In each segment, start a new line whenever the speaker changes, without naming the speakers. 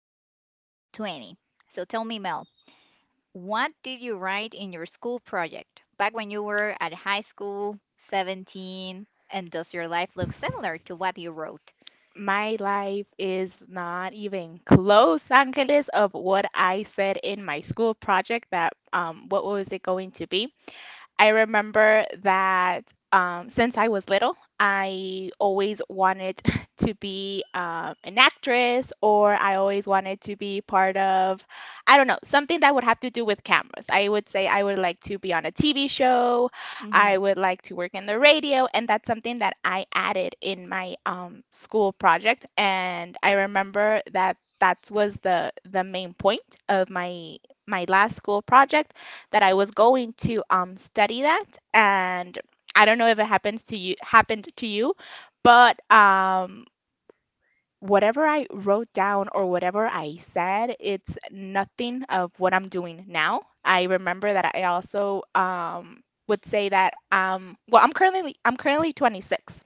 was 20. So, tell me, Mel, what did you write in your school project back when you were at high school, 17? And does your life look similar to what you wrote?
My life is not even close, Angeles, of what I said in my school project that what was it going to be? I remember that since I was little, I always wanted to be an actress, or I always wanted to be part of, I don't know, something that would have to do with cameras. I would say I would like to be on a TV show. I
Hmm.
would like to work in the radio, and that's something that I added in my school project. And I remember that that was the main point of my last school project that I was going to study that, and I don't know if it happens to you happened to you, but whatever I wrote down or whatever I said, it's nothing of what I'm doing now. I remember that I also would say that well, I'm currently 26,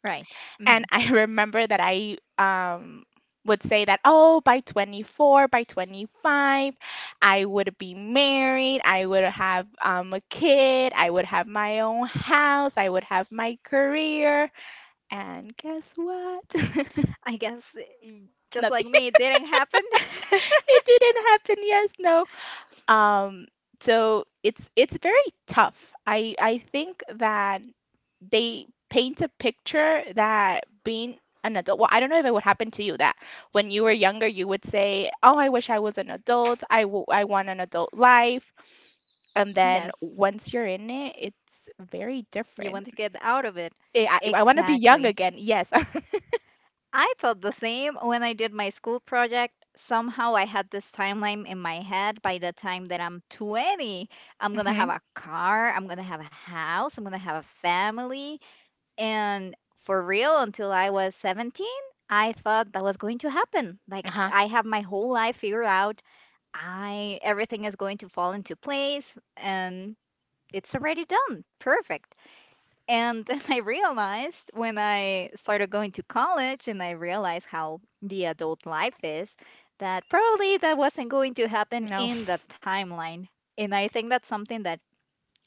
Right. hmm
and I remember that I would say that, oh, by 24, by 25, I would be married, I would have a kid, I would have my own house, I would have my career. And guess what?
I guess just like
Nothing.
me, it didn't happen.
It didn't happen. Yes, no. Um, so it's very tough. I think that they paint a picture that being an adult, well, I don't know if it would happen to you that when you were younger, you would say, "Oh, I wish I was an adult. I want an adult life." And then
Yes.
once you're in it, it's very
You
different.
want to get out of it.
I want to be young
Exactly.
again. Yes.
I thought the same when I did my school project. Somehow I had this timeline in my head. By the time that I'm 20, I'm gonna have
Mm-hmm.
a car, I'm gonna have a house, I'm gonna have a family. And for real, until I was 17, I thought that was going to happen. Like
Uh-huh.
I have my whole life figured out. I Everything is going to fall into place and it's already done. Perfect. And then I realized when I started going to college and I realized how the adult life is, that probably that wasn't going to happen
No.
in the timeline. And I think that's something that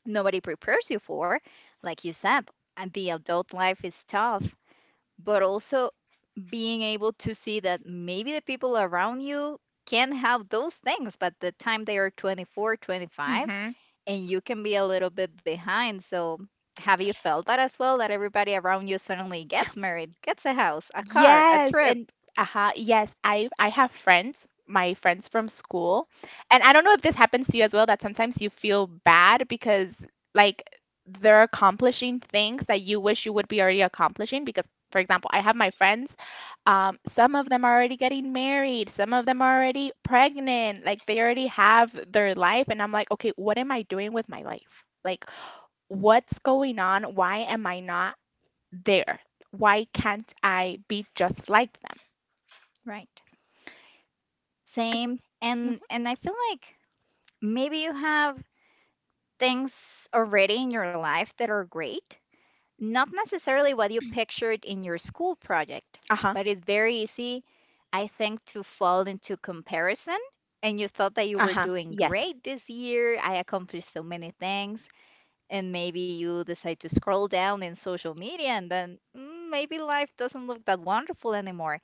nobody prepares you for. Like you said, and the adult life is tough, but also being able to see that maybe the people around you can have those things, but the time they are 24, 25, and you can be a little bit behind. So, have you felt that as well? That everybody around you suddenly gets married, gets a house, a car, a
Yes,
trip,
and uh-huh, yes, I have friends, my friends from school, and I don't know if this happens to you as well, that sometimes you feel bad because like they're accomplishing things that you wish you would be already accomplishing because for example, I have my friends, some of them are already getting married, some of them are already pregnant, like they already have their life, and I'm like, okay, what am I doing with my life? Like, what's going on? Why am I not there. Why can't I be just like them?
right? Same. And
Hmm.
and I feel like maybe you have things already in your life that are great, not necessarily what you pictured in your school project,
Uh-huh.
but it's very easy, I think, to fall into comparison. And you thought that you were
Uh-huh.
doing
Yes.
great this year. I accomplished so many things and maybe you decide to scroll down in social media and then maybe life doesn't look that wonderful anymore.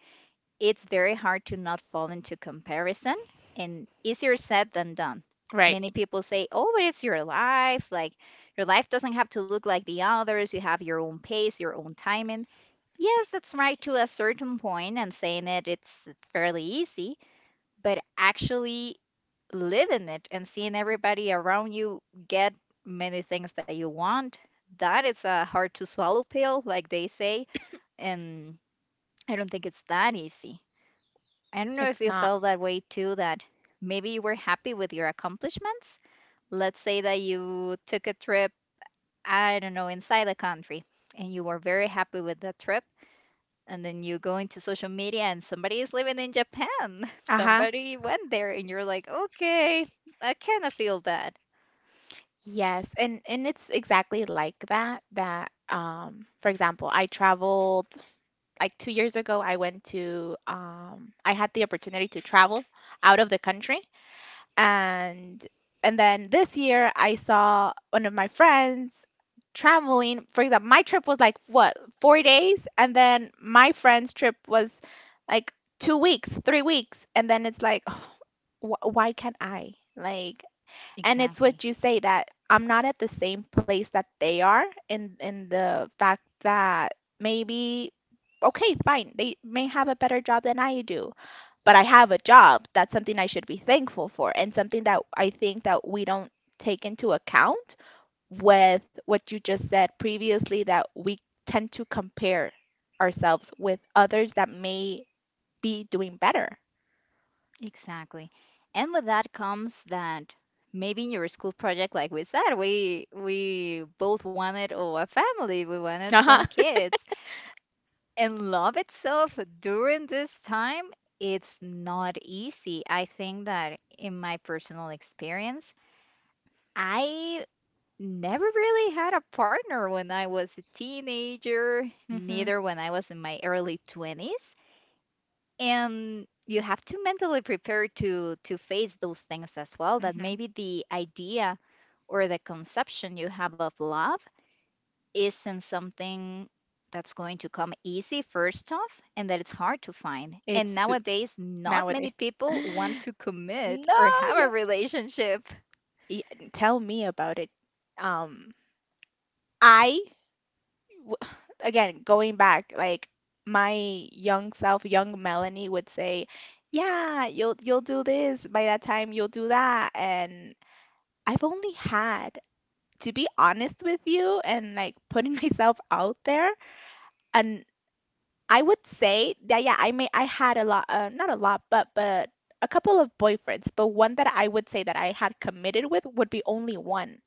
It's very hard to not fall into comparison and easier said than done.
Right.
Many people say, "Oh, but it's your life. Like your life doesn't have to look like the others. You have your own pace, your own timing." Yes, that's right to a certain point and saying it's fairly easy, but actually living it and seeing everybody around you get many things that you want, that is a hard to swallow pill, like they say, and I don't think it's that easy. I don't know if
It's
you
not.
felt that way too, that maybe you were happy with your accomplishments. Let's say that you took a trip, I don't know, inside the country, and you were very happy with the trip and then you go into social media and somebody is living in Japan.
Uh-huh.
Somebody went there and you're like, okay, I kind of feel bad.
Yes. And it's exactly like that that for example, I traveled like 2 years ago I went to I had the opportunity to travel out of the country and and then this year I saw one of my friends traveling. For example, my trip was like what, 4 days? And then my friend's trip was like 2 weeks, 3 weeks. And then it's like, why can't I? Like, and it's
Exactly.
what you say that I'm not at the same place that they are in the fact that maybe okay, fine, they may have a better job than I do, but I have a job. That's something I should be thankful for and something that I think that we don't take into account with what you just said previously that we tend to compare ourselves with others that may be doing better.
Exactly. And with that comes that maybe in your school project, like we said, we both wanted oh, a family, we wanted
Uh-huh.
some kids. And love itself during this time, it's not easy. I think that in my personal experience, I never really had a partner when I was a teenager,
Mhm.
neither when I was in my early 20s. And you have to mentally prepare to face those things as well, that
Mhm.
maybe the idea or the conception you have of love isn't something that's going to come easy first off, and that it's hard to find.
It's
And
su-
nowadays, not many
Nowadays.
people want to commit
No,
or have a
yes.
relationship.
Y- Tell me about it. Um, I w- Again going back, like my young self, young Melanie would say, "Yeah, you'll do this. By that time, you'll do that." And I've only had, to be honest with you, and like putting myself out there, and I would say that yeah, I had a lot, not a lot, but a couple of boyfriends, but one that I would say that I had committed with would be only one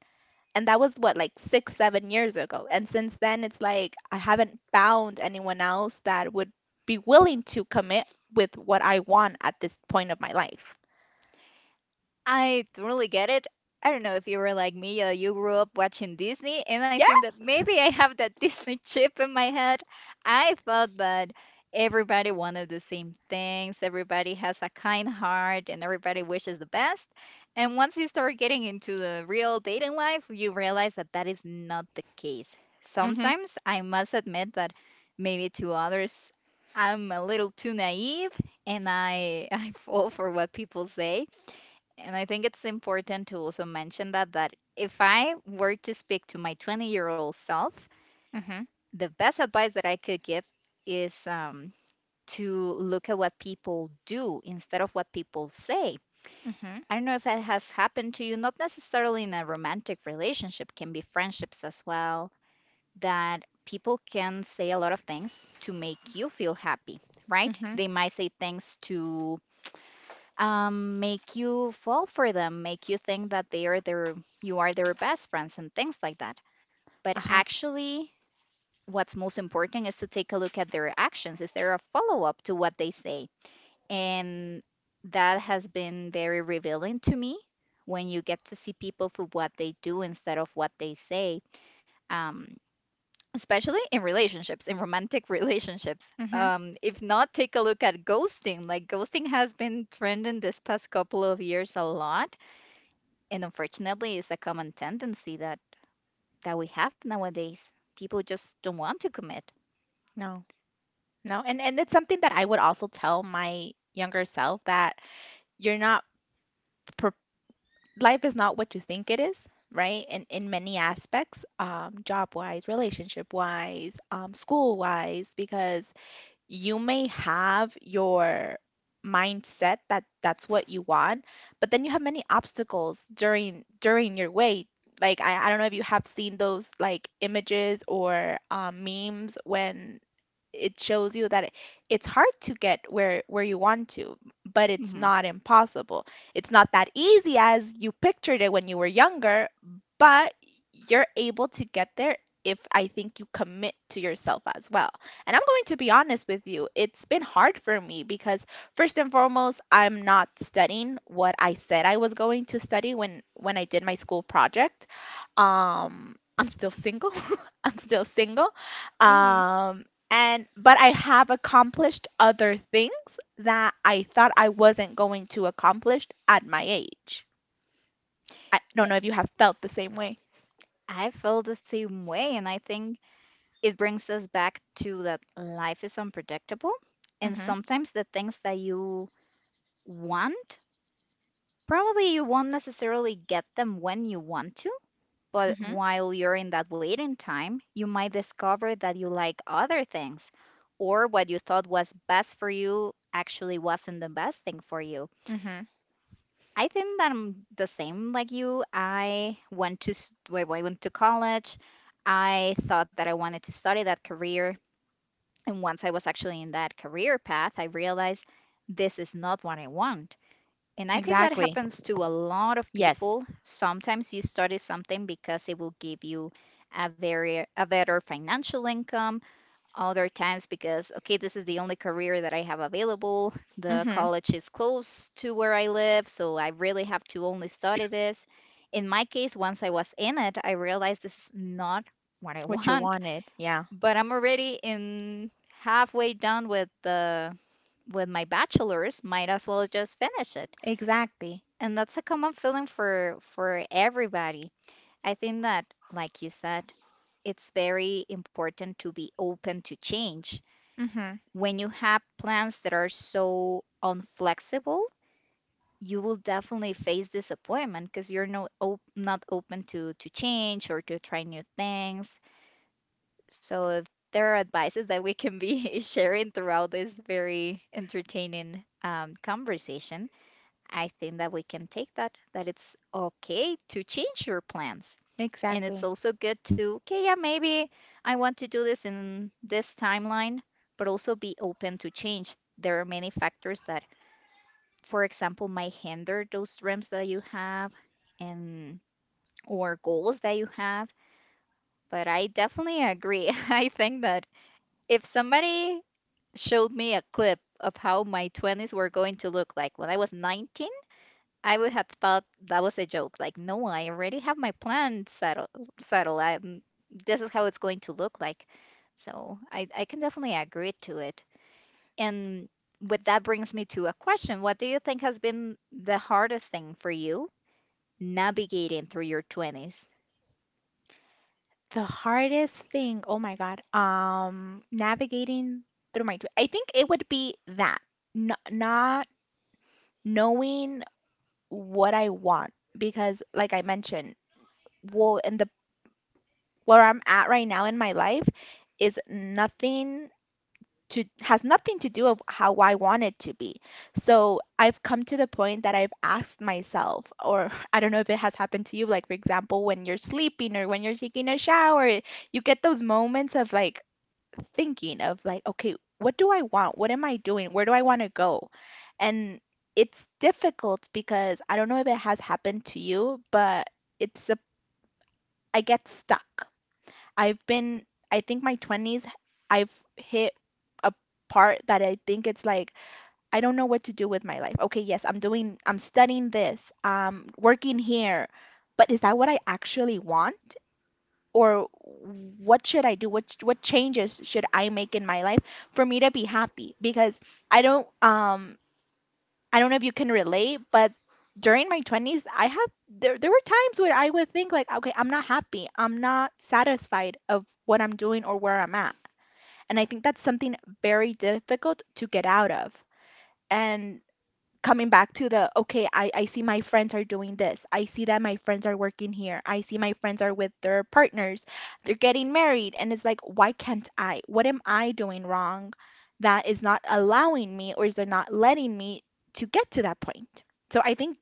and that was what, like six, 7 years ago. And since then, it's like I haven't found anyone else that would be willing to commit with what I want at this point of my life.
I don't really get it. I don't know if you were like me, you grew up watching Disney, and I
Yeah.
think that maybe I have that Disney chip in my head. I thought that everybody wanted the same things, everybody has a kind heart, and everybody wishes the best. And once you start getting into the real dating life, you realize that that is not the case.
Mhm.
Sometimes I must admit that maybe to others, I'm a little too naive and I, I fall for what people say. And I think it's important to also mention that if I were to speak to my 20-year-old self,
Mhm.
the best advice that I could give is to look at what people do instead of what people say.
Mhm.
I don't know if that has happened to you, not necessarily in a romantic relationship, can be friendships as well, that people can say a lot of things to make you feel happy, right?
Mhm.
They might say things to make you fall for them, make you think that they are their you are their best friends and things like that. But
Uh-huh.
actually, what's most important is to take a look at their actions. Is there a follow-up to what they say? And that has been very revealing to me when you get to see people for what they do instead of what they say. Um, especially in relationships, in romantic relationships.
Mhm.
If not, take a look at ghosting. Like ghosting has been trending this past couple of years a lot. And unfortunately, it's a common tendency that we have nowadays. People just don't want to commit.
No. No. And it's something that I would also tell my younger self that you're not pre- life is not what you think it is, right? In many aspects, job-wise, relationship-wise, school-wise, because you may have your mindset that that's what you want, but then you have many obstacles during your way. I don't know if you have seen those like images or memes when it shows you that it's hard to get where you want to, but it's
hmm
not impossible. It's not that easy as you pictured it when you were younger, but you're able to get there if I think you commit to yourself as well. And I'm going to be honest with you, it's been hard for me because first and foremost, I'm not studying what I said I was going to study when I did my school project. I'm still single. I'm still single.
hmm
Um, and But I have accomplished other things that I thought I wasn't going to accomplish at my age. I don't know if you have felt the same way.
I feel the same way, and I think it brings us back to that life is unpredictable, and
Mhm.
sometimes the things that you want, probably you won't necessarily get them when you want to, but
Mhm.
while you're in that waiting time, you might discover that you like other things, or what you thought was best for you actually wasn't the best thing for you.
Mhm.
I think that I'm the same like you. I went to well, I went to college. I thought that I wanted to study that career, and once I was actually in that career path, I realized this is not what I want. And I think that
Exactly.
happens to a lot of
Yes.
people. Sometimes you study something because it will give you a better financial income. Other times because, okay, this is the only career that I have available. The
Mhm.
college is close to where I live, so I really have to only study this. In my case, once I was in it, I realized this is not what I
What you
want,
wanted. Yeah.
but I'm already in, halfway done with my bachelor's, might as well just finish it.
Exactly.
And that's a common feeling for everybody. I think that, like you said, it's very important to be open to change.
Mhm.
When you have plans that are so unflexible, you will definitely face disappointment because you're not open to change or to try new things. So if there are advices that we can be sharing throughout this very entertaining conversation. I think that we can take that, that it's okay to change your plans. And it's
Exactly.
also good to, okay, yeah, maybe I want to do this in this timeline, but also be open to change. There are many factors that, for example, might hinder those dreams that you have and or goals that you have. But I definitely agree. I think that if somebody showed me a clip of how my 20s were going to look like when I was 19, I would have thought that was a joke. Like, no, I already have my plan settled. Settled. This is how it's going to look like. So I can definitely agree to it. And with that brings me to a question. What do you think has been the hardest thing for you navigating through your 20s?
The hardest thing, oh my God, navigating through my, I think it would be that, n not knowing what I want, because like I mentioned, well, in the where I'm at right now in my life is nothing to has nothing to do of how I want it to be. So I've come to the point that I've asked myself, or I don't know if it has happened to you, like for example, when you're sleeping or when you're taking a shower, you get those moments of like thinking of like, okay, what do I want? What am I doing? Where do I want to go? And it's difficult because I don't know if it has happened to you, but it's a I get stuck. I've been, I think my 20s, I've hit a part that I think it's like, I don't know what to do with my life. Okay, yes, I'm doing, I'm studying this, I'm working here, but is that what I actually want? Or what should I do? What changes should I make in my life for me to be happy? Because I don't um I don't know if you can relate, but during my 20s, I had there there were times where I would think like, okay, I'm not happy. I'm not satisfied of what I'm doing or where I'm at. And I think that's something very difficult to get out of. And coming back to the okay I see my friends are doing this, I see that my friends are working here, I see my friends are with their partners, they're getting married, and it's like why can't I, what am I doing wrong that is not allowing me or is it not letting me to get to that point, so I think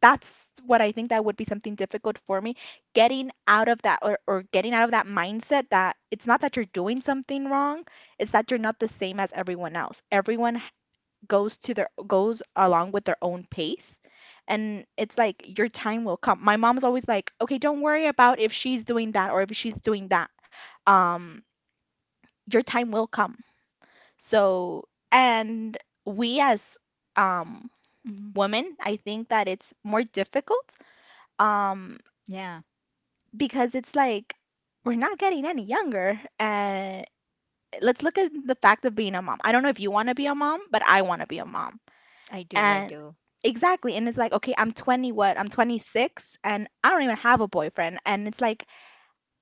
that's what I think that would be something difficult for me getting out of that, or getting out of that mindset that it's not that you're doing something wrong, it's that you're not the same as everyone else, everyone goes to their goes along with their own pace and it's like your time will come. My mom's always like, "Okay, don't worry about if she's doing that or if she's doing that. Um, your time will come." So, and we as um
Hmm.
women, I think that it's more difficult um
Yeah,
because it's like we're not getting any younger and let's look at the fact of being a mom. I don't know if you want to be a mom, but I want to be a mom.
I do. I
And
do.
exactly. And it's like, okay, I'm 20, what? I'm 26 and I don't even have a boyfriend. And it's like,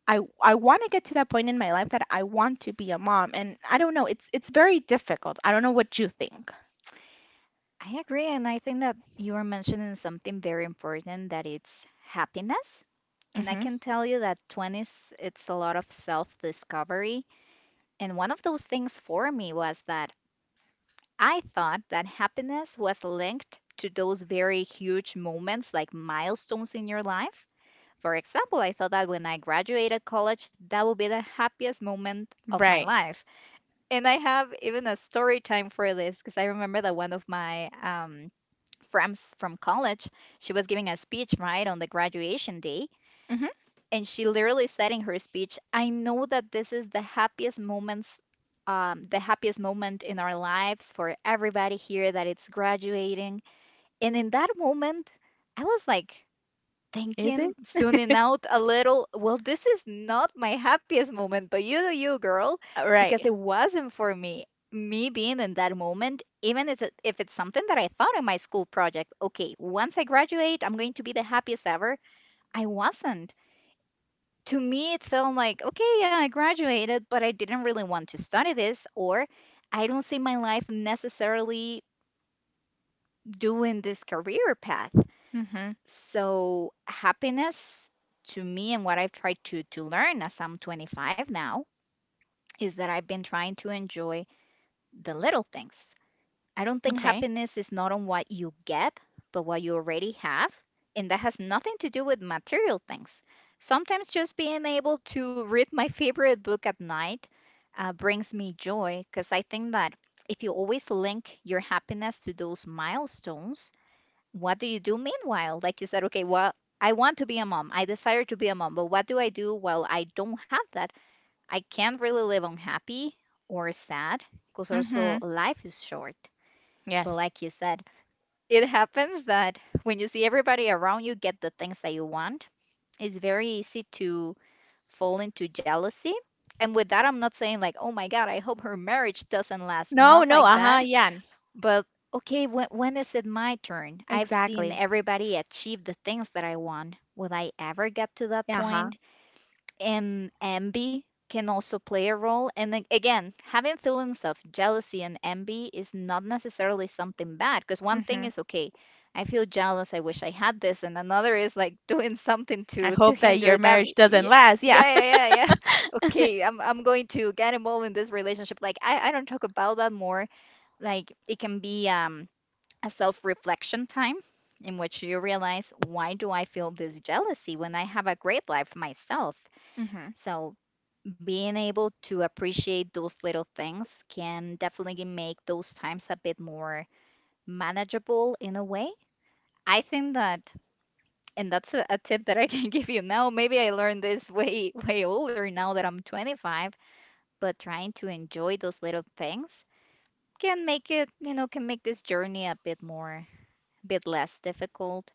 I want to get to that point in my life that I want to be a mom. And I don't know, it's very difficult. I don't know what you think.
I agree. And I think that you are mentioning something very important that it's happiness. And I
Hmm.
can tell you that 20s, it's a lot of self-discovery. And one of those things for me was that I thought that happiness was linked to those very huge moments, like milestones in your life. For example, I thought that when I graduated college, that would be the happiest moment of my
Right.
life. And I have even a story time for this because I remember that one of my friends from college, she was giving a speech right on the graduation day,
Hmm.
and she literally said in her speech, I know that this is the happiest moments, the happiest moment in our lives for everybody here that it's graduating. And in that moment, I was like
Is it?
thinking, zooming out a little, well, this is not my happiest moment, but you do you, girl,
Right.
because it wasn't for me. Me being in that moment, even if- it- if it's something that I thought in my school project, okay, once I graduate, I'm going to be the happiest ever. I wasn't To me it felt like, okay, yeah, I graduated, but I didn't really want to study this, or I don't see my life necessarily doing this career path.
Hmm.
So happiness to me, and what I've tried to learn as I'm 25 now, is that I've been trying to enjoy the little things. I don't think
Okay.
happiness is not on what you get, but what you already have. And that has nothing to do with material things. Sometimes just being able to read my favorite book at night brings me joy, because I think that if you always link your happiness to those milestones, what do you do meanwhile? Like you said, okay, well, I want to be a mom. I desire to be a mom, but what do I do while I don't have that? I can't really live unhappy or sad, because also
Hmm.
life is short. But
Yes.
like you said, it happens that when you see everybody around you get the things that you want, it's very easy to fall into jealousy. And with that, I'm not saying like, oh my God, I hope her marriage doesn't last.
No,
Not
no,
like
uh-huh,
that.
yeah.
But okay, when is it my turn? I've seen
Exactly.
everybody achieve the things that I want. Will I ever get to that
Yeah. Uh-huh.
point? And envy can also play a role. And again, having feelings of jealousy and envy is not necessarily something bad, because one thing
Hmm.
is okay, I feel jealous, I wish I had this, and another is like doing something
I
to
hope that
hinder
your
that.
marriage doesn't
Yeah,
last. Yeah.
yeah, yeah, yeah. Yeah. Okay, I'm going to get involved in this relationship. Like I don't talk about that more. Like it can be a self-reflection time in which you realize, why do I feel this jealousy when I have a great life myself?
Hmm.
So being able to appreciate those little things can definitely make those times a bit more manageable in a way. I think that, and that's a tip that I can give you now. Maybe I learned this way, way older, now that I'm 25, but trying to enjoy those little things can make it, can make this journey a bit more, a bit less difficult.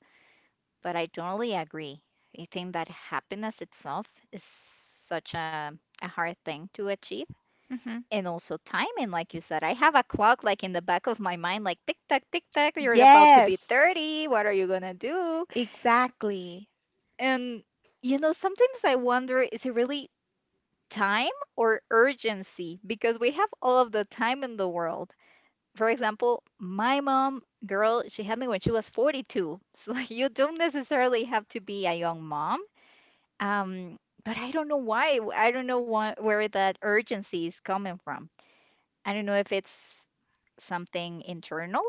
But I totally agree. I think that happiness itself is such a hard thing to achieve,
Hmm.
and also timing. Like you said, I have a clock, like, in the back of my mind, like, tick tack, tick tack, you're about to
Yes.
be 30, what are you gonna do?
Exactly.
And, sometimes I wonder, is it really time or urgency? Because we have all of the time in the world. For example, my mom, girl, she had me when she was 42. So like, you don't necessarily have to be a young mom. um but I don't know why, where that urgency is coming from. I don't know if it's something internal,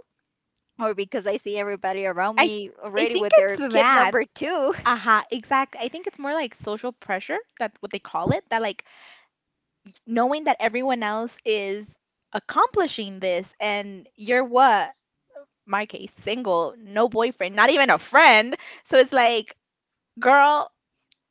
or because I see everybody around
I
me
I
already
think
with their
it's
kid
that.
number two.
Uh-huh, exact. I think it's more like social pressure, that's what they call it, that like knowing that everyone else is accomplishing this and you're what? My case, single, no boyfriend, not even a friend. So it's like, girl,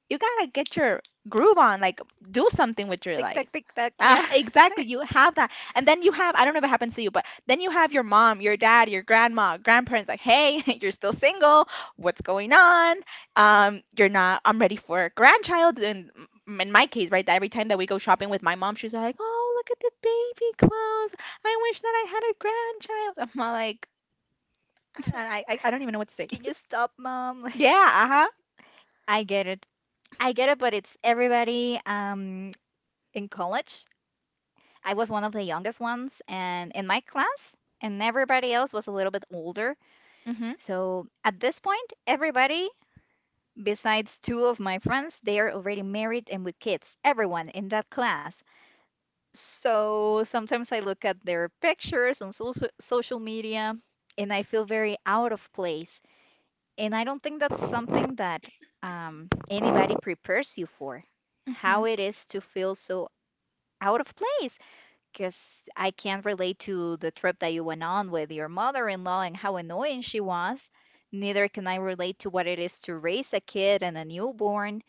you gotta get your groove on, like do something with your
Tick tack,
life.
tick tack. Yeah.
Exactly. You have that. And then you have, I don't know if it happens to you, but then you have your mom, your dad, your grandma, grandparents like, hey, you're still single. What's going on? You're not, I'm ready for a grandchild. In my case, right, that every time that we go shopping with my mom, she's like, oh, look at the baby clothes. I wish that I had a grandchild. I'm like, I don't even know what to say.
Can you stop, mom?
Yeah, uh-huh.
Like, I get it. I get it, but it's everybody, in college. I was one of the youngest ones and in my class, and everybody else was a little bit older.
Mm-hmm.
So at this point, everybody besides two of my friends, they are already married and with kids. Everyone in that class. So sometimes I look at their pictures on social media, and I feel very out of place. And I don't think that's something that anybody prepares you for,
Mm-hmm.
how it is to feel so out of place. Because I can't relate to the trip that you went on with your mother-in-law and how annoying she was. Neither can I relate to what it is to raise a kid and a newborn.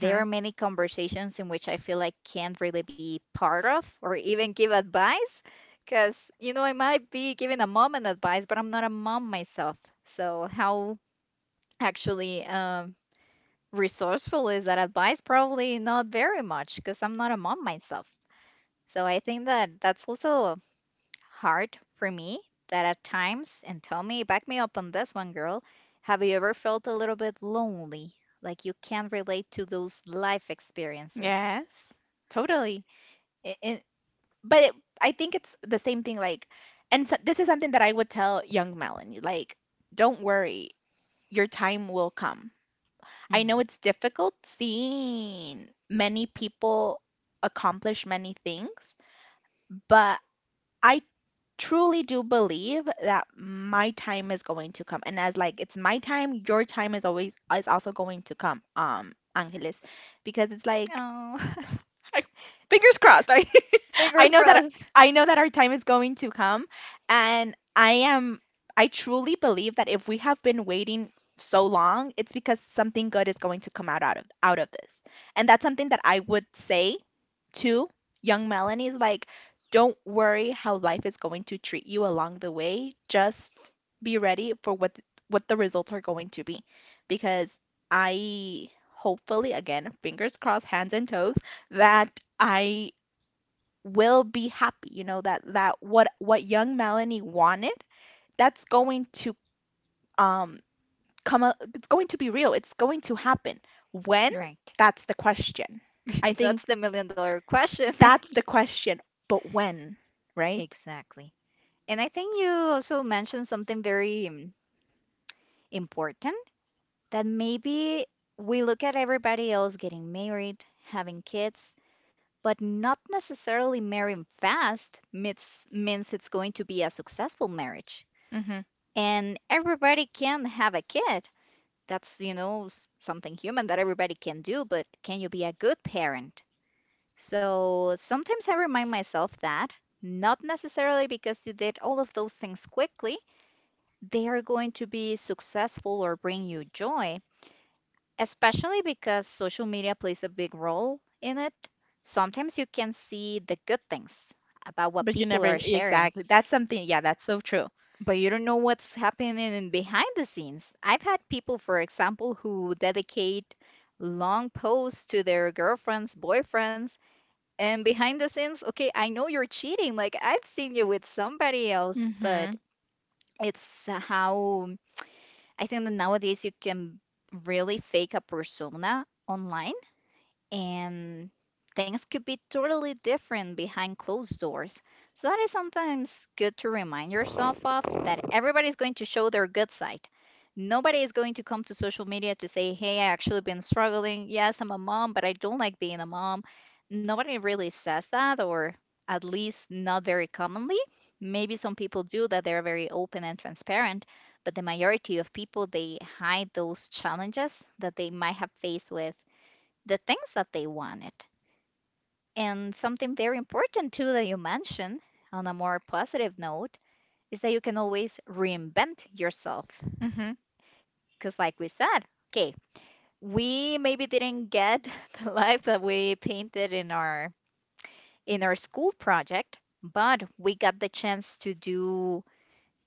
There are many conversations in which I feel I can't really be part of or even give advice because, I might be giving a mom an advice, but I'm not a mom myself. So, how actually resourceful is that advice? Probably not very much, because I'm not a mom myself. So, I think that that's also hard for me, that at times, and tell me, back me up on this one, girl. Have you ever felt a little bit lonely? Like you can't relate to those life experiences?
Yes, totally. I- I- but I think it's the same thing. Like, and so, this is something that I would tell young Melanie. Like, don't worry, your time will come. I know
Mm,
it's difficult seeing many people accomplish many things, but I truly do believe that my time is going to come. And as like it's my time, your time is always is also going to come, Angeles, because it's like
Oh,
I, fingers crossed. I I
fingers
know that
crossed.
I know that our time is going to come, and I truly believe that if we have been waiting so long, it's because something good is going to come out of this. And that's something that I would say to young Melanie is like, don't worry how life is going to treat you along the way. Just be ready for what the results are going to be because I hopefully again, fingers crossed, hands and toes, that I will be happy, you know, that what young Melanie wanted, that's going to um come a, it's going to be real. It's going to happen. When?
Right.
That's the question. I think
That's the million dollar question.
that's the question, but when, right?
Exactly. And I think you also mentioned something very important, that maybe we look at everybody else getting married, having kids, but not necessarily marrying fast means it's going to be a successful marriage.
Mhm.
And everybody can have a kid. That's, something human that everybody can do, but can you be a good parent? So sometimes I remind myself that, not necessarily because you did all of those things quickly, they are going to be successful or bring you joy, especially because social media plays a big role in it. Sometimes you can see the good things about what
But you
people
never
are sharing,
exactly. That's something. Yeah, that's so true.
but you don't know what's happening in behind the scenes. I've had people, for example, who dedicate long posts to their girlfriends, boyfriends, and behind the scenes, okay, I know you're cheating. Like, I've seen you with somebody else, but
Mhm.
it's how I think that nowadays you can really fake a persona online, and things could be totally different behind closed doors. So that is sometimes good to remind yourself of, that everybody's going to show their good side. Nobody is going to come to social media to say, "Hey, I actually been struggling. Yes, I'm a mom, but I don't like being a mom." Nobody really says that, or at least not very commonly. Maybe some people do, that they're very open and transparent, but the majority of people, they hide those challenges that they might have faced with the things that they wanted. And something very important too that you mentioned on a more positive note is that you can always reinvent yourself.
Mhm.
Because, like we said, okay, we maybe didn't get the life that we painted in our school project, but we got the chance to do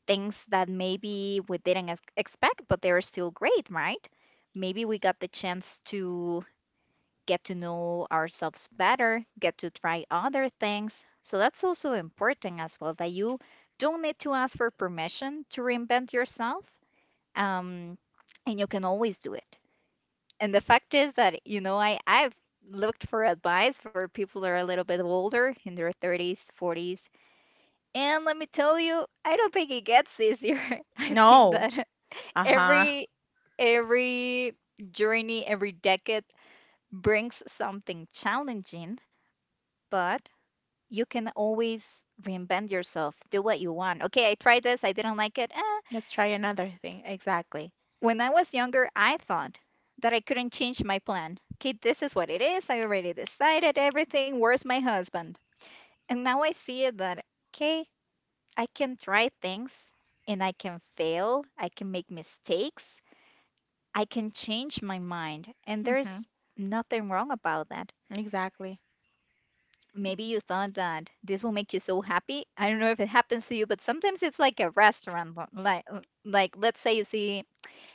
things that maybe we didn't expect, but they were still great, right? Maybe we got the chance to get to know ourselves better, get to try other things. So that's also important as well, that you don't need to ask for permission to reinvent yourself. Um, and you can always do it. And the fact is that, I've looked for advice for people that are a little bit older, in their 30s, 40s. And let me tell you, I don't think it gets easier. I think
No.
that
Uh-huh.
every every journey, every decade brings something challenging, but you can always reinvent yourself, do what you want. Okay, I tried this, I didn't like it. Eh.
Let's try another thing. Exactly.
When I was younger, I thought that I couldn't change my plan. Okay, this is what it is. I already decided everything. Where's my husband? And now I see it that, okay, I can try things, and I can fail, I can make mistakes, I can change my mind, and there's
Mhm.
nothing wrong about that.
Exactly.
Maybe you thought that this will make you so happy. I don't know if it happens to you, but sometimes it's like a restaurant. Like, let's say you see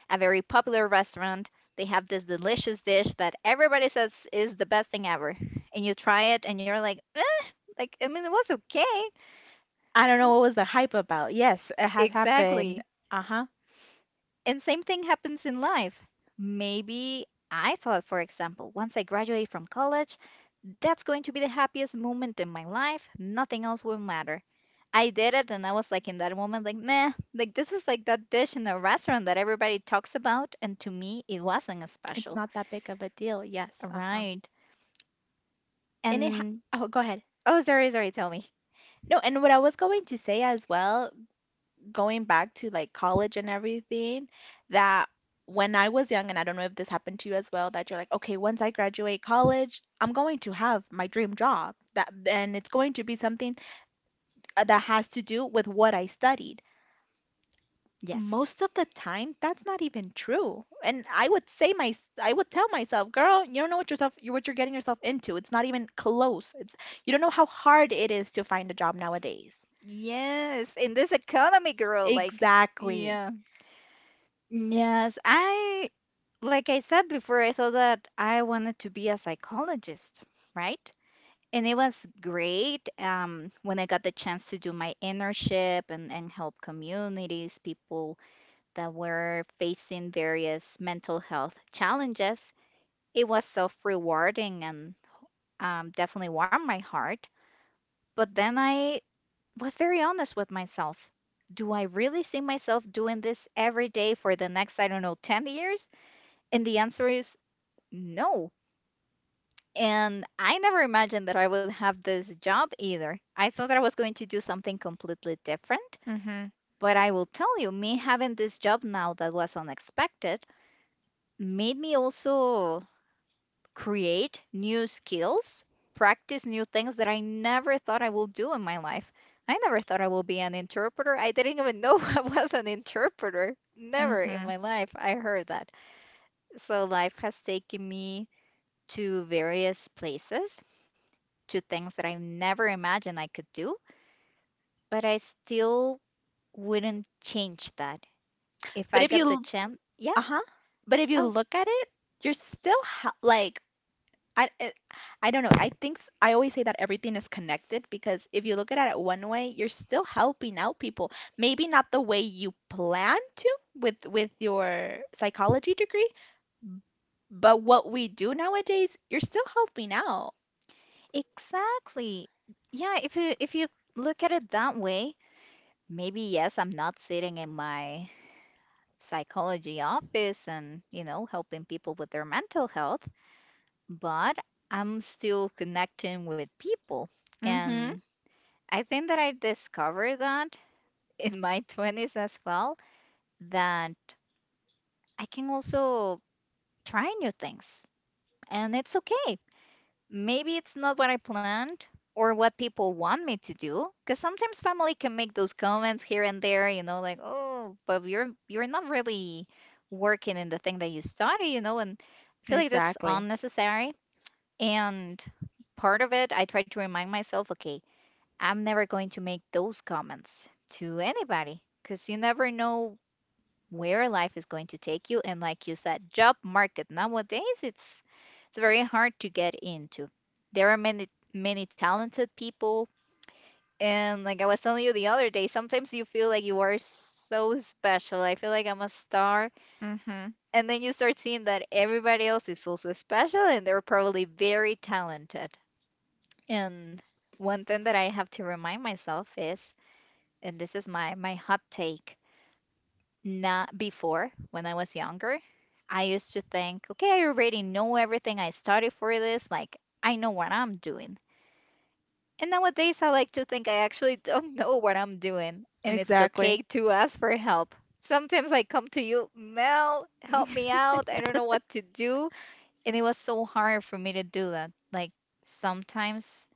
a very popular restaurant, they have this delicious dish that everybody says is the best thing ever, and you try it, and you're like, eh, like, I mean, it was okay.
I don't know what was the hype about. Yes, it has happened.
Exactly.
Uh-huh.
And same thing happens in life. Maybe I thought, for example, once I graduate from college, that's going to be the happiest moment in my life. Nothing else will matter. I did it, and I was like, in that moment, like, meh, like, this is like that dish in a restaurant that everybody talks about, and to me it wasn't as
It's
special.
not that big of a deal. Yes, uh-huh.
Right.
And it ha
And
oh, go ahead.
oh, sorry, sorry, tell me.
No, and what I was going to say as well, going back to like college and everything, that when I was young, and I don't know if this happened to you as well, that you're like, okay, once I graduate college, I'm going to have my dream job. That and it's going to be something that has to do with what I studied.
Yes.
Most of the time that's not even true, and I would say my I would tell myself, girl, you don't know what yourself you what you're getting yourself into. It's not even close. It's you don't know how hard it is to find a job nowadays.
Yes, in this economy, girl, like,
Exactly.
yeah. Yes, I like I said before, I thought that I wanted to be a psychologist, right? And it was great when I got the chance to do my internship and help communities, people that were facing various mental health challenges. It was self rewarding, and definitely warmed my heart. But then I was very honest with myself. Do I really see myself doing this every day for the next, I don't know, 10 years? And the answer is no. And I never imagined that I would have this job either. I thought that I was going to do something completely different.
Mhm.
But I will tell you, me having this job now, that was unexpected, made me also create new skills, practice new things that I never thought I would do in my life. I never thought I would be an interpreter. I didn't even know I was an interpreter. Never in
Mhm.
my life I heard that. So life has taken me to various places, to things that I never imagined I could do, but I still wouldn't change that. If
But
I
if
got the
you
chance, yeah,
uh-huh but if you
I was,
look at it, you're still ha- like I it, I don't know. I think s- I always say that everything is connected because if you look at it one way, you're still helping out people. Maybe not the way you plan to with your psychology degree, but what we do nowadays, you're still helping out.
exactly. Yeah, if you look at it that way, maybe yes, I'm not sitting in my psychology office and, helping people with their mental health, but I'm still connecting with people.
Mm-hmm.
And I think that I discovered that in my 20s as well, that I can also try new things. And it's okay. Maybe it's not what I planned or what people want me to do. Because sometimes family can make those comments here and there, you know, like, oh, but you're not really working in the thing that you study, and I feel like that's
Exactly.
unnecessary. And part of it, I try to remind myself, okay, I'm never going to make those comments to anybody because you never know where life is going to take you. And like you said, job market nowadays it's very hard to get into. There are many talented people, and like I was telling you the other day, sometimes you feel like you are so special. I feel like I'm a star,
Mm-hmm.
and then you start seeing that everybody else is also special, and they're probably very talented. And one thing that I have to remind myself is, and this is my hot take. Not before, when I was younger, I used to think, okay, I already know everything. I studied for this. Like, I know what I'm doing. And nowadays, I like to think I actually don't know what I'm doing. And it's
Exactly.
okay to ask for help. Sometimes I come to you, Mel, help me out. I don't know what to do. And it was so hard for me to do that. Like, sometimes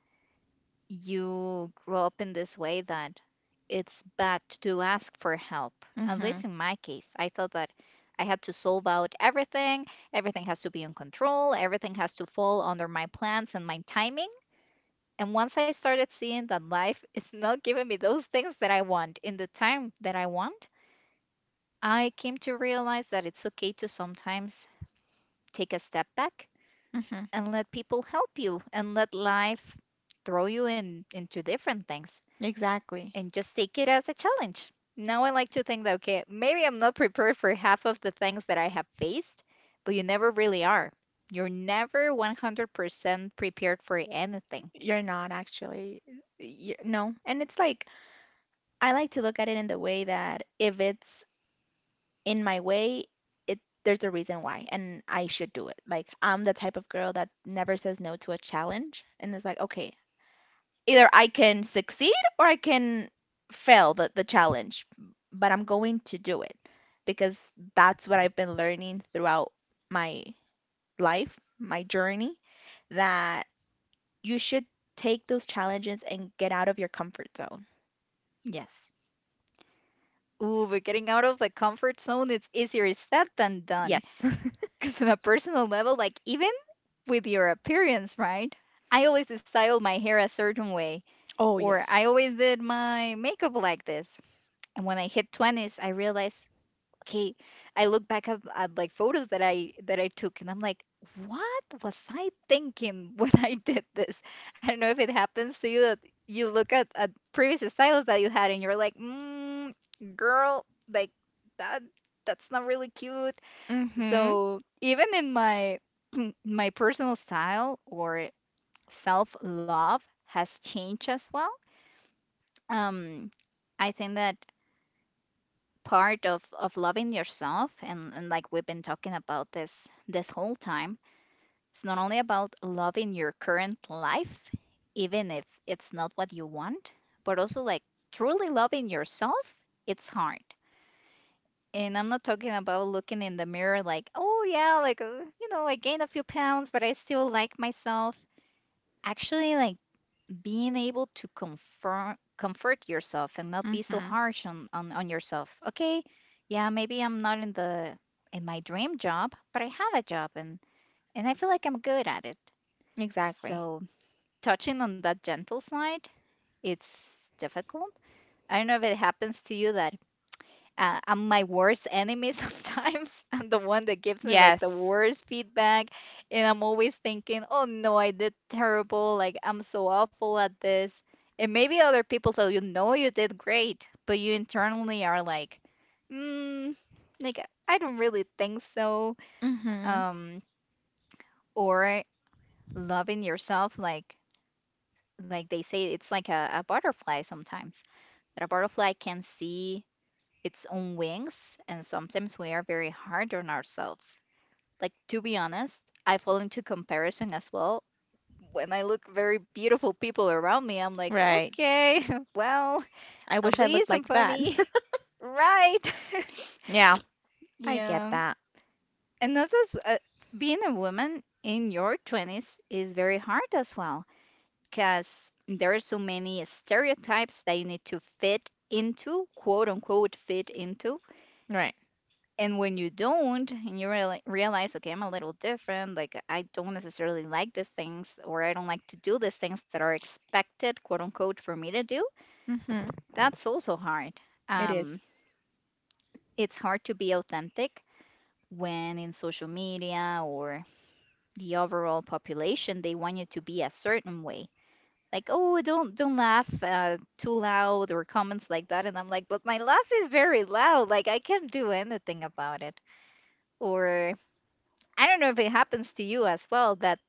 you grow up in this way that it's bad to ask for help. At
Mm-hmm.
least in my case, I thought that I had to solve out everything, everything has to be in control, everything has to fall under my plans and my timing. And once I started seeing that life is not giving me those things that I want in the time that I want, I came to realize that it's okay to sometimes take a step back
Mm-hmm.
and let people help you and let life throw you in into different things
Exactly.
and just take it as a challenge. Now I like to think that, okay, maybe I'm not prepared for half of the things that I have faced, but you never really are. You're never 100% prepared for anything.
You're not actually. You no. And it's like I like to look at it in the way that if it's in my way, it there's a reason why, and I should do it. Like I'm the type of girl that never says no to a challenge, and it's like, okay, either I can succeed or I can fail the challenge, but I'm going to do it because that's what I've been learning throughout my life, my journey, that you should take those challenges and get out of your comfort zone.
Yes. Ooh, but getting out of the comfort zone, it's easier said than done.
Yes.
Because on a personal level, like even with your appearance, right? I always styled my hair a certain way,
Oh,
or
yes.
I always did my makeup like this. And when I hit 20s, I realized okay, I look back at like photos that I took and I'm like, what was I thinking when I did this? I don't know if it happens to you that you look at previous styles that you had and you're like, mm, girl, like that that's not really cute.
Mm-hmm.
So even in my my personal style or self-love has changed as well. Um, I think that part of loving yourself and, like we've been talking about this whole time, it's not only about loving your current life even if it's not what you want but also like truly loving yourself. It's hard, and I'm not talking about looking in the mirror like, oh yeah, like, you know, I gained a few pounds but I still like myself. Actually like being able to confirm comfort yourself and not be so
Mm-hmm.
harsh on yourself. Okay, yeah, maybe I'm not in the in my dream job but I have a job, and I feel like I'm good at it.
Exactly.
So touching on that gentle side, it's difficult. I don't know if it happens to you that I'm my worst enemy sometimes. I'm the one that gives me like the
Yes.
worst feedback, and I'm always thinking, "Oh no, I did terrible. Like I'm so awful at this." And maybe other people tell you, "No, you did great," but you internally are like, "Mm, like I don't really think so."
Mm-hmm.
Um, or loving yourself, like they say, it's like a butterfly sometimes. That a butterfly can see its own wings, and sometimes we are very hard on ourselves. Like, to be honest, I fall into comparison as well. When I look very beautiful people around me, I'm like,
Right.
okay, well,
I
at
wish I looked
least I'm
like that.
funny. Right.
Yeah, I get
Yeah.
that.
And that's as, being a woman in your 20s is very hard as well, because there are so many stereotypes that you need to fit into, quote unquote, fit into.
Right.
And when you don't, and you realize, okay, I'm a little different, like I don't necessarily like these things, or I don't like to do these things that are expected, quote unquote, for me to do,
Mm-hmm.
that's also hard.
It is.
Um, it's hard to be authentic when in social media or the overall population, they want you to be a certain way. Like, oh, don't laugh too loud or comments like that. And I'm like, but my laugh is very loud. Like I can't do anything about it. Or I don't know if it happens to you as well that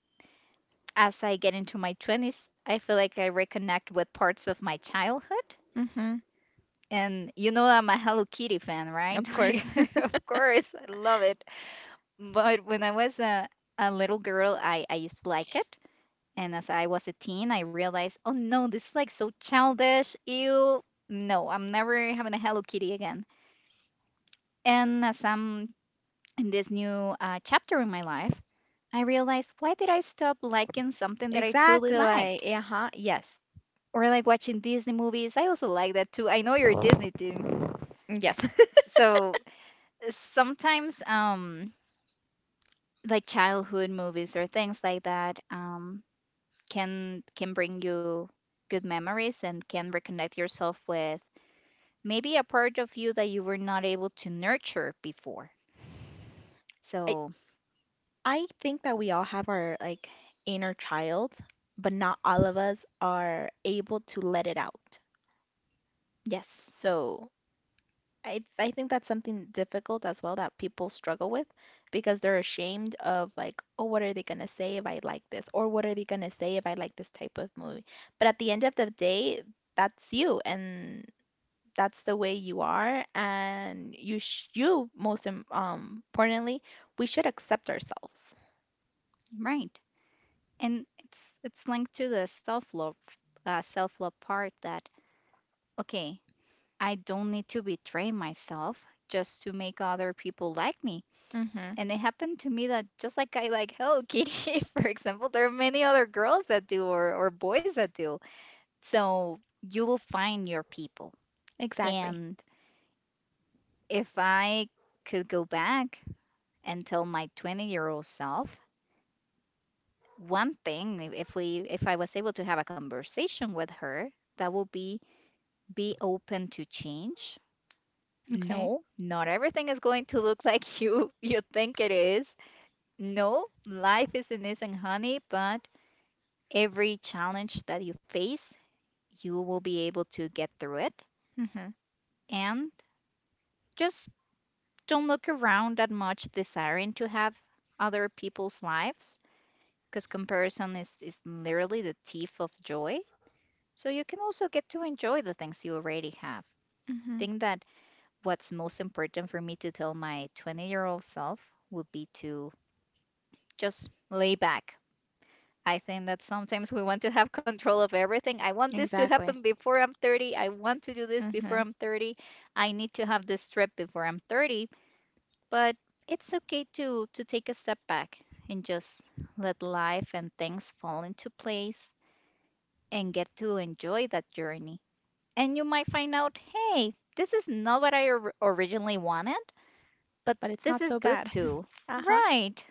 as I get into my 20s, I feel like I reconnect with parts of my childhood.
Mm-hmm.
And you know I'm a Hello Kitty fan, right?
Of course.
Like, of course, I love it. But when I was a little girl, I used to like it. And as I was a teen, I realized, oh no, this is like so childish. Ew. No, I'm never having a Hello Kitty again. And as I'm in this new chapter in my life, I realized why did I stop liking something that I truly
Exactly. Like,
liked?
uh-huh. Yes.
Or like watching Disney movies, I also like that too. I know you're a Disney team.
Yes.
So sometimes like childhood movies or things like that can bring you good memories and can reconnect yourself with maybe a part of you that you were not able to nurture before.
I
So,
I think that we all have our like inner child, but not all of us are able to let it out.
yes,
So I think that's something difficult as well that people struggle with because they're ashamed of like, oh, what are they gonna say if I like this? Or what are they gonna say if I like this type of movie? But at the end of the day, that's you and that's the way you are and you sh you most importantly, we should accept ourselves.
right. And it's linked to the self-love self-love part that okay, I don't need to betray myself just to make other people like me.
Mm-hmm.
And it happened to me that just like I like Hello Kitty for example, there are many other girls that do or boys that do, so you will find your people.
Exactly.
And if I could go back and tell my 20-year-old self one thing, if I was able to have a conversation with her, that would be open to change.
Okay.
No, not everything is going to look like you think it is. No, life isn't honey, but every challenge that you face, you will be able to get through it.
Mm-hmm.
And just don't look around that much desiring to have other people's lives, because comparison is literally the thief of joy. So you can also get to enjoy the things you already have.
Mm-hmm.
Think that what's most important for me to tell my 20-year-old self would be to just lay back. I think that sometimes we want to have control of everything. I want this to happen
Exactly.
before I'm 30. I want to do this before
Mm-hmm.
I'm 30. I need to have this trip before I'm 30. But it's okay to take a step back and just let life and things fall into place and get to enjoy that journey. And you might find out, hey, this is not what I originally wanted, but
But it's
this
not
is
so
good
bad.
too.
Uh-huh.
Right.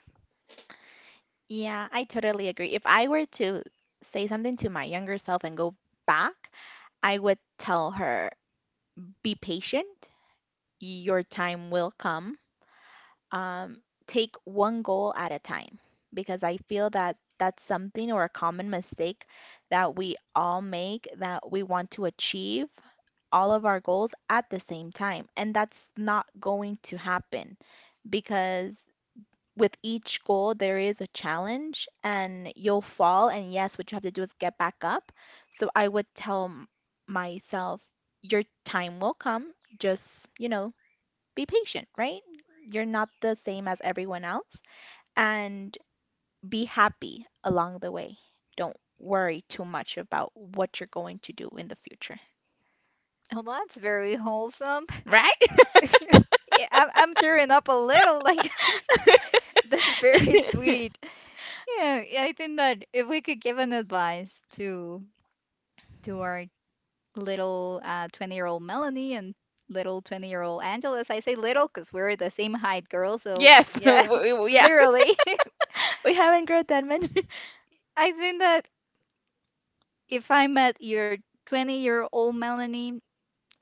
Yeah, I totally agree. If I were to say something to my younger self and go back, I would tell her, be patient. Your time will come. Um, Take one goal at a time because I feel that that's something or a common mistake that we all make that we want to achieve all of our goals at the same time. And that's not going to happen because with each goal there is a challenge and you'll fall, and yes what you have to do is get back up. So I would tell myself, your time will come. Just, you know, be patient, right? You're not the same as everyone else, and be happy along the way. Don't worry too much about what you're going to do in the future,
Oh, that's very wholesome.
right?
Yeah, I'm tearing up a little. Like, that's very sweet. Yeah, yeah, I think that if we could give an advice to our little 20-year-old Melanie and little 20-year-old Angeles, I say little because we're the same height, girl. So
Yes.
yeah,
Yeah.
literally.
We haven't grown that much.
I think that if I met your 20-year-old Melanie,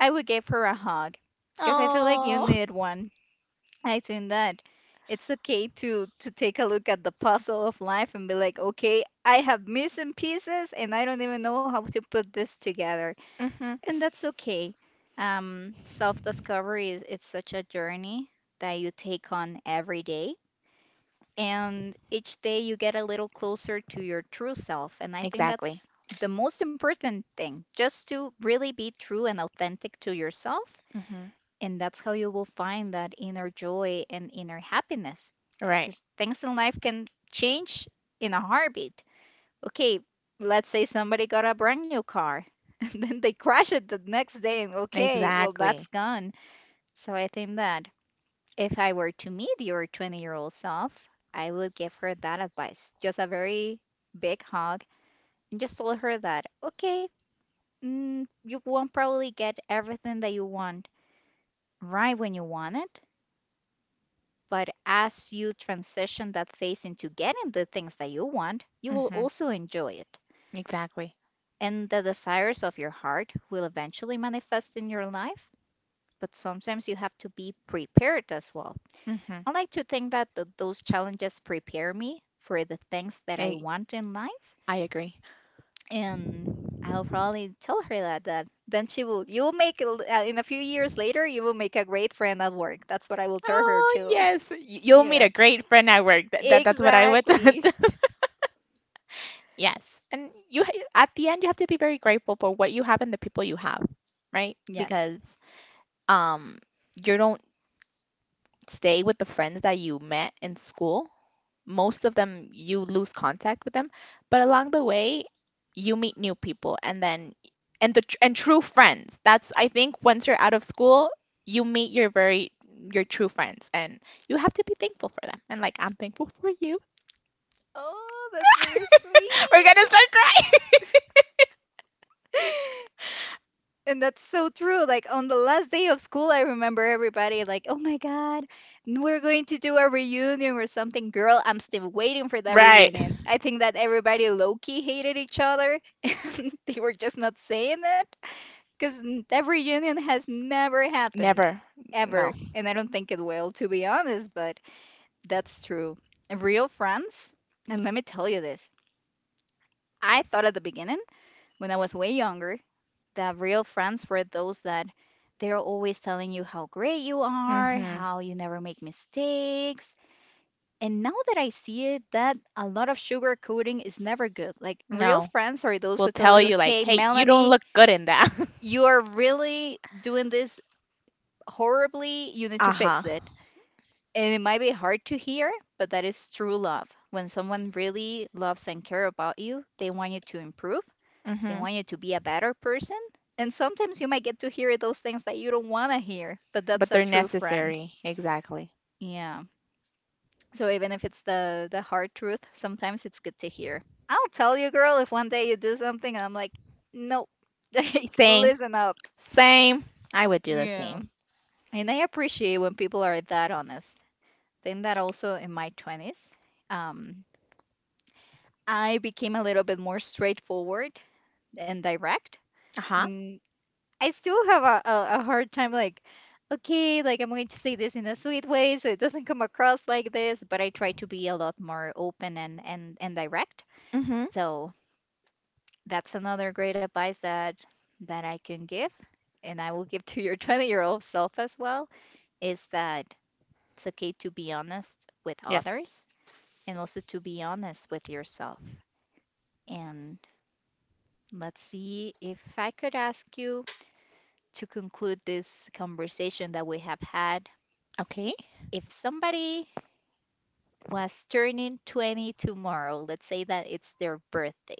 I would give her a hug because I feel like you
Oh.
need one. I think that it's okay to take a look at the puzzle of life and be like, okay, I have missing pieces and I don't even know how to put this together.
Hmm.
And that's okay. Self-discovery is, it's such a journey that you take on every day. And each day you get a little closer to your true self. And I think
Exactly.
that's the most important thing, just to really be true and authentic to yourself.
Hmm.
And that's how you will find that inner joy and inner happiness
Right.
because things in life can change in a heartbeat. Okay, let's say somebody got a brand new car and then they crash it the next day, and okay, well, that's
Exactly.
gone. So I think that if I were to meet your 20-year-old self, I would give her that advice. Just a very big hug and just told her that, okay, you won't probably get everything that you want right when you want it, but as you transition that phase into getting the things that you want, you will
Hmm.
also enjoy it.
Exactly.
And the desires of your heart will eventually manifest in your life, but sometimes you have to be prepared as well.
Hmm.
I like to think that those challenges prepare me for the things that I
I,
want in life.
I agree.
And I'll probably tell her that, then you will make, in a few years later, you will make a great friend at work. That's what I will tell her
Oh,
too.
yes. You'll meet
Yeah,
a great friend at work. That's what I would.
exactly.
Yes. And you at the end you have to be very grateful for what you have and the people you have, right?
Yes.
Because um you don't stay with the friends that you met in school. Most of them, you lose contact with them, but along the way, you meet new people, and then and the and true friends. That's I think once you're out of school, you meet your very your true friends, and you have to be thankful for them. And like I'm thankful for you.
Oh, that's very
We're gonna
sweet.
start crying.
And that's so true. Like on the last day of school, I remember everybody like, "Oh my God, we're going to do a reunion or something." Girl, I'm still waiting for that
Right.
reunion. I think that everybody low-key hated each other. and They were just not saying it because that reunion has never happened
Never. No.
ever, and I don't think it will, to be honest, but that's true. Real friends, and let me tell you this. I thought at the beginning when I was way younger, the real friends were those that they're always telling you how great you are,
Mm-hmm.
how you never make mistakes. And now that I see it, that a lot of sugar coating is never good. Like real
No.
friends are those
We'll
who tell
tell
you,
you like,
hey,
hey, you don't
Melanie,
look good in that.
you are really doing this horribly. You need to
Uh-huh.
fix it. And it might be hard to hear, but that is true love. When someone really loves and care about you, they want you to improve. They
Mm-hmm.
want you to be a better person. And sometimes you might get to hear those things that you don't want to hear, but that's
But
a
they're
true friend.
necessary. Exactly.
Yeah. So even if it's the hard truth, sometimes it's good to hear. I'll tell you, girl, if one day you do something and I'm like, nope, like
Same.
listen up.
Same. I would do the
Yeah.
same.
And I appreciate when people are that honest. Then that also in my 20s. Um, I became a little bit more straightforward and direct.
Uh-huh.
Mm, I still have a hard time, like, okay, like I'm going to say this in a sweet way so it doesn't come across like this, but I try to be a lot more open and, and direct.
Mm-hmm.
So that's another great advice that I can give, and I will give to your 20-year-old self as well, is that it's okay to be honest with
Yes.
others and also to be honest with yourself. And let's see if I could ask you to conclude this conversation that we have had.
Okay.
If somebody was turning 20 tomorrow, let's say that it's their birthday,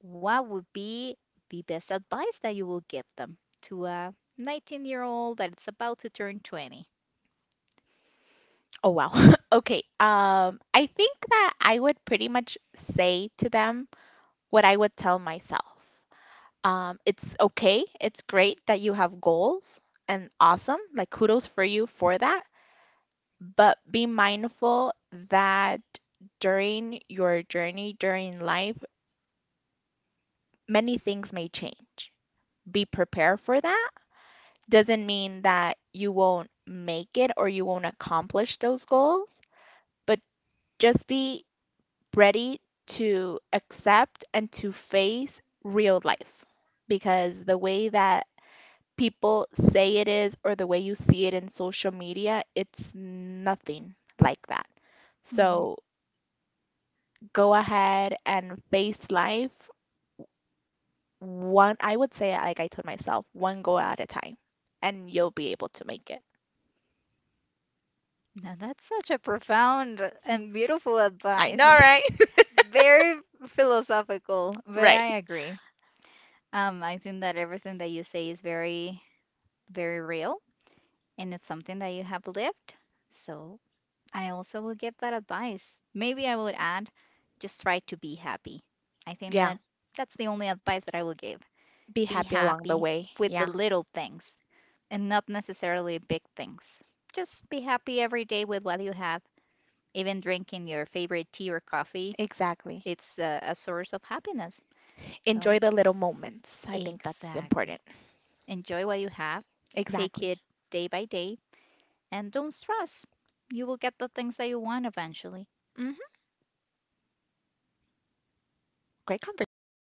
what would be the best advice that you will give them to a 19-year-old that it's about to turn 20?
Oh wow. Okay. I think that I would pretty much say to them what I would tell myself. It's okay. It's great that you have goals and awesome. Like kudos for you for that. But be mindful that during your journey, during life, many things may change. Be prepared for that doesn't mean that you won't make it or you won't accomplish those goals, but just be ready to accept and to face real life because the way that people say it is or the way you see it in social media, it's nothing like that.
Mhm.
So go ahead and face life one, I would say, like I told myself, one goal at a time, and you'll be able to make it.
Now that's such a profound and beautiful
I
advice.
know, right?
Very philosophical, but
Right.
I agree. I think that everything that you say is very, very real. And it's something that you have lived. So I also will give that advice. Maybe I would add, just try to be happy. I think
Yeah.
that that's the only advice that I will give.
Be
Be
happy along the
happy
way.
with the
Yeah,
little things and not necessarily big things. Just be happy every day with what you have. Even drinking your favorite tea or coffee,
exactly.
it's a source of happiness. So,
Enjoy the little moments. I think that's
exactly.
important.
Enjoy what you have, take
Exactly.
it day by day, and don't stress, you will get the things that you want eventually.
Hmm. Great conversation, right?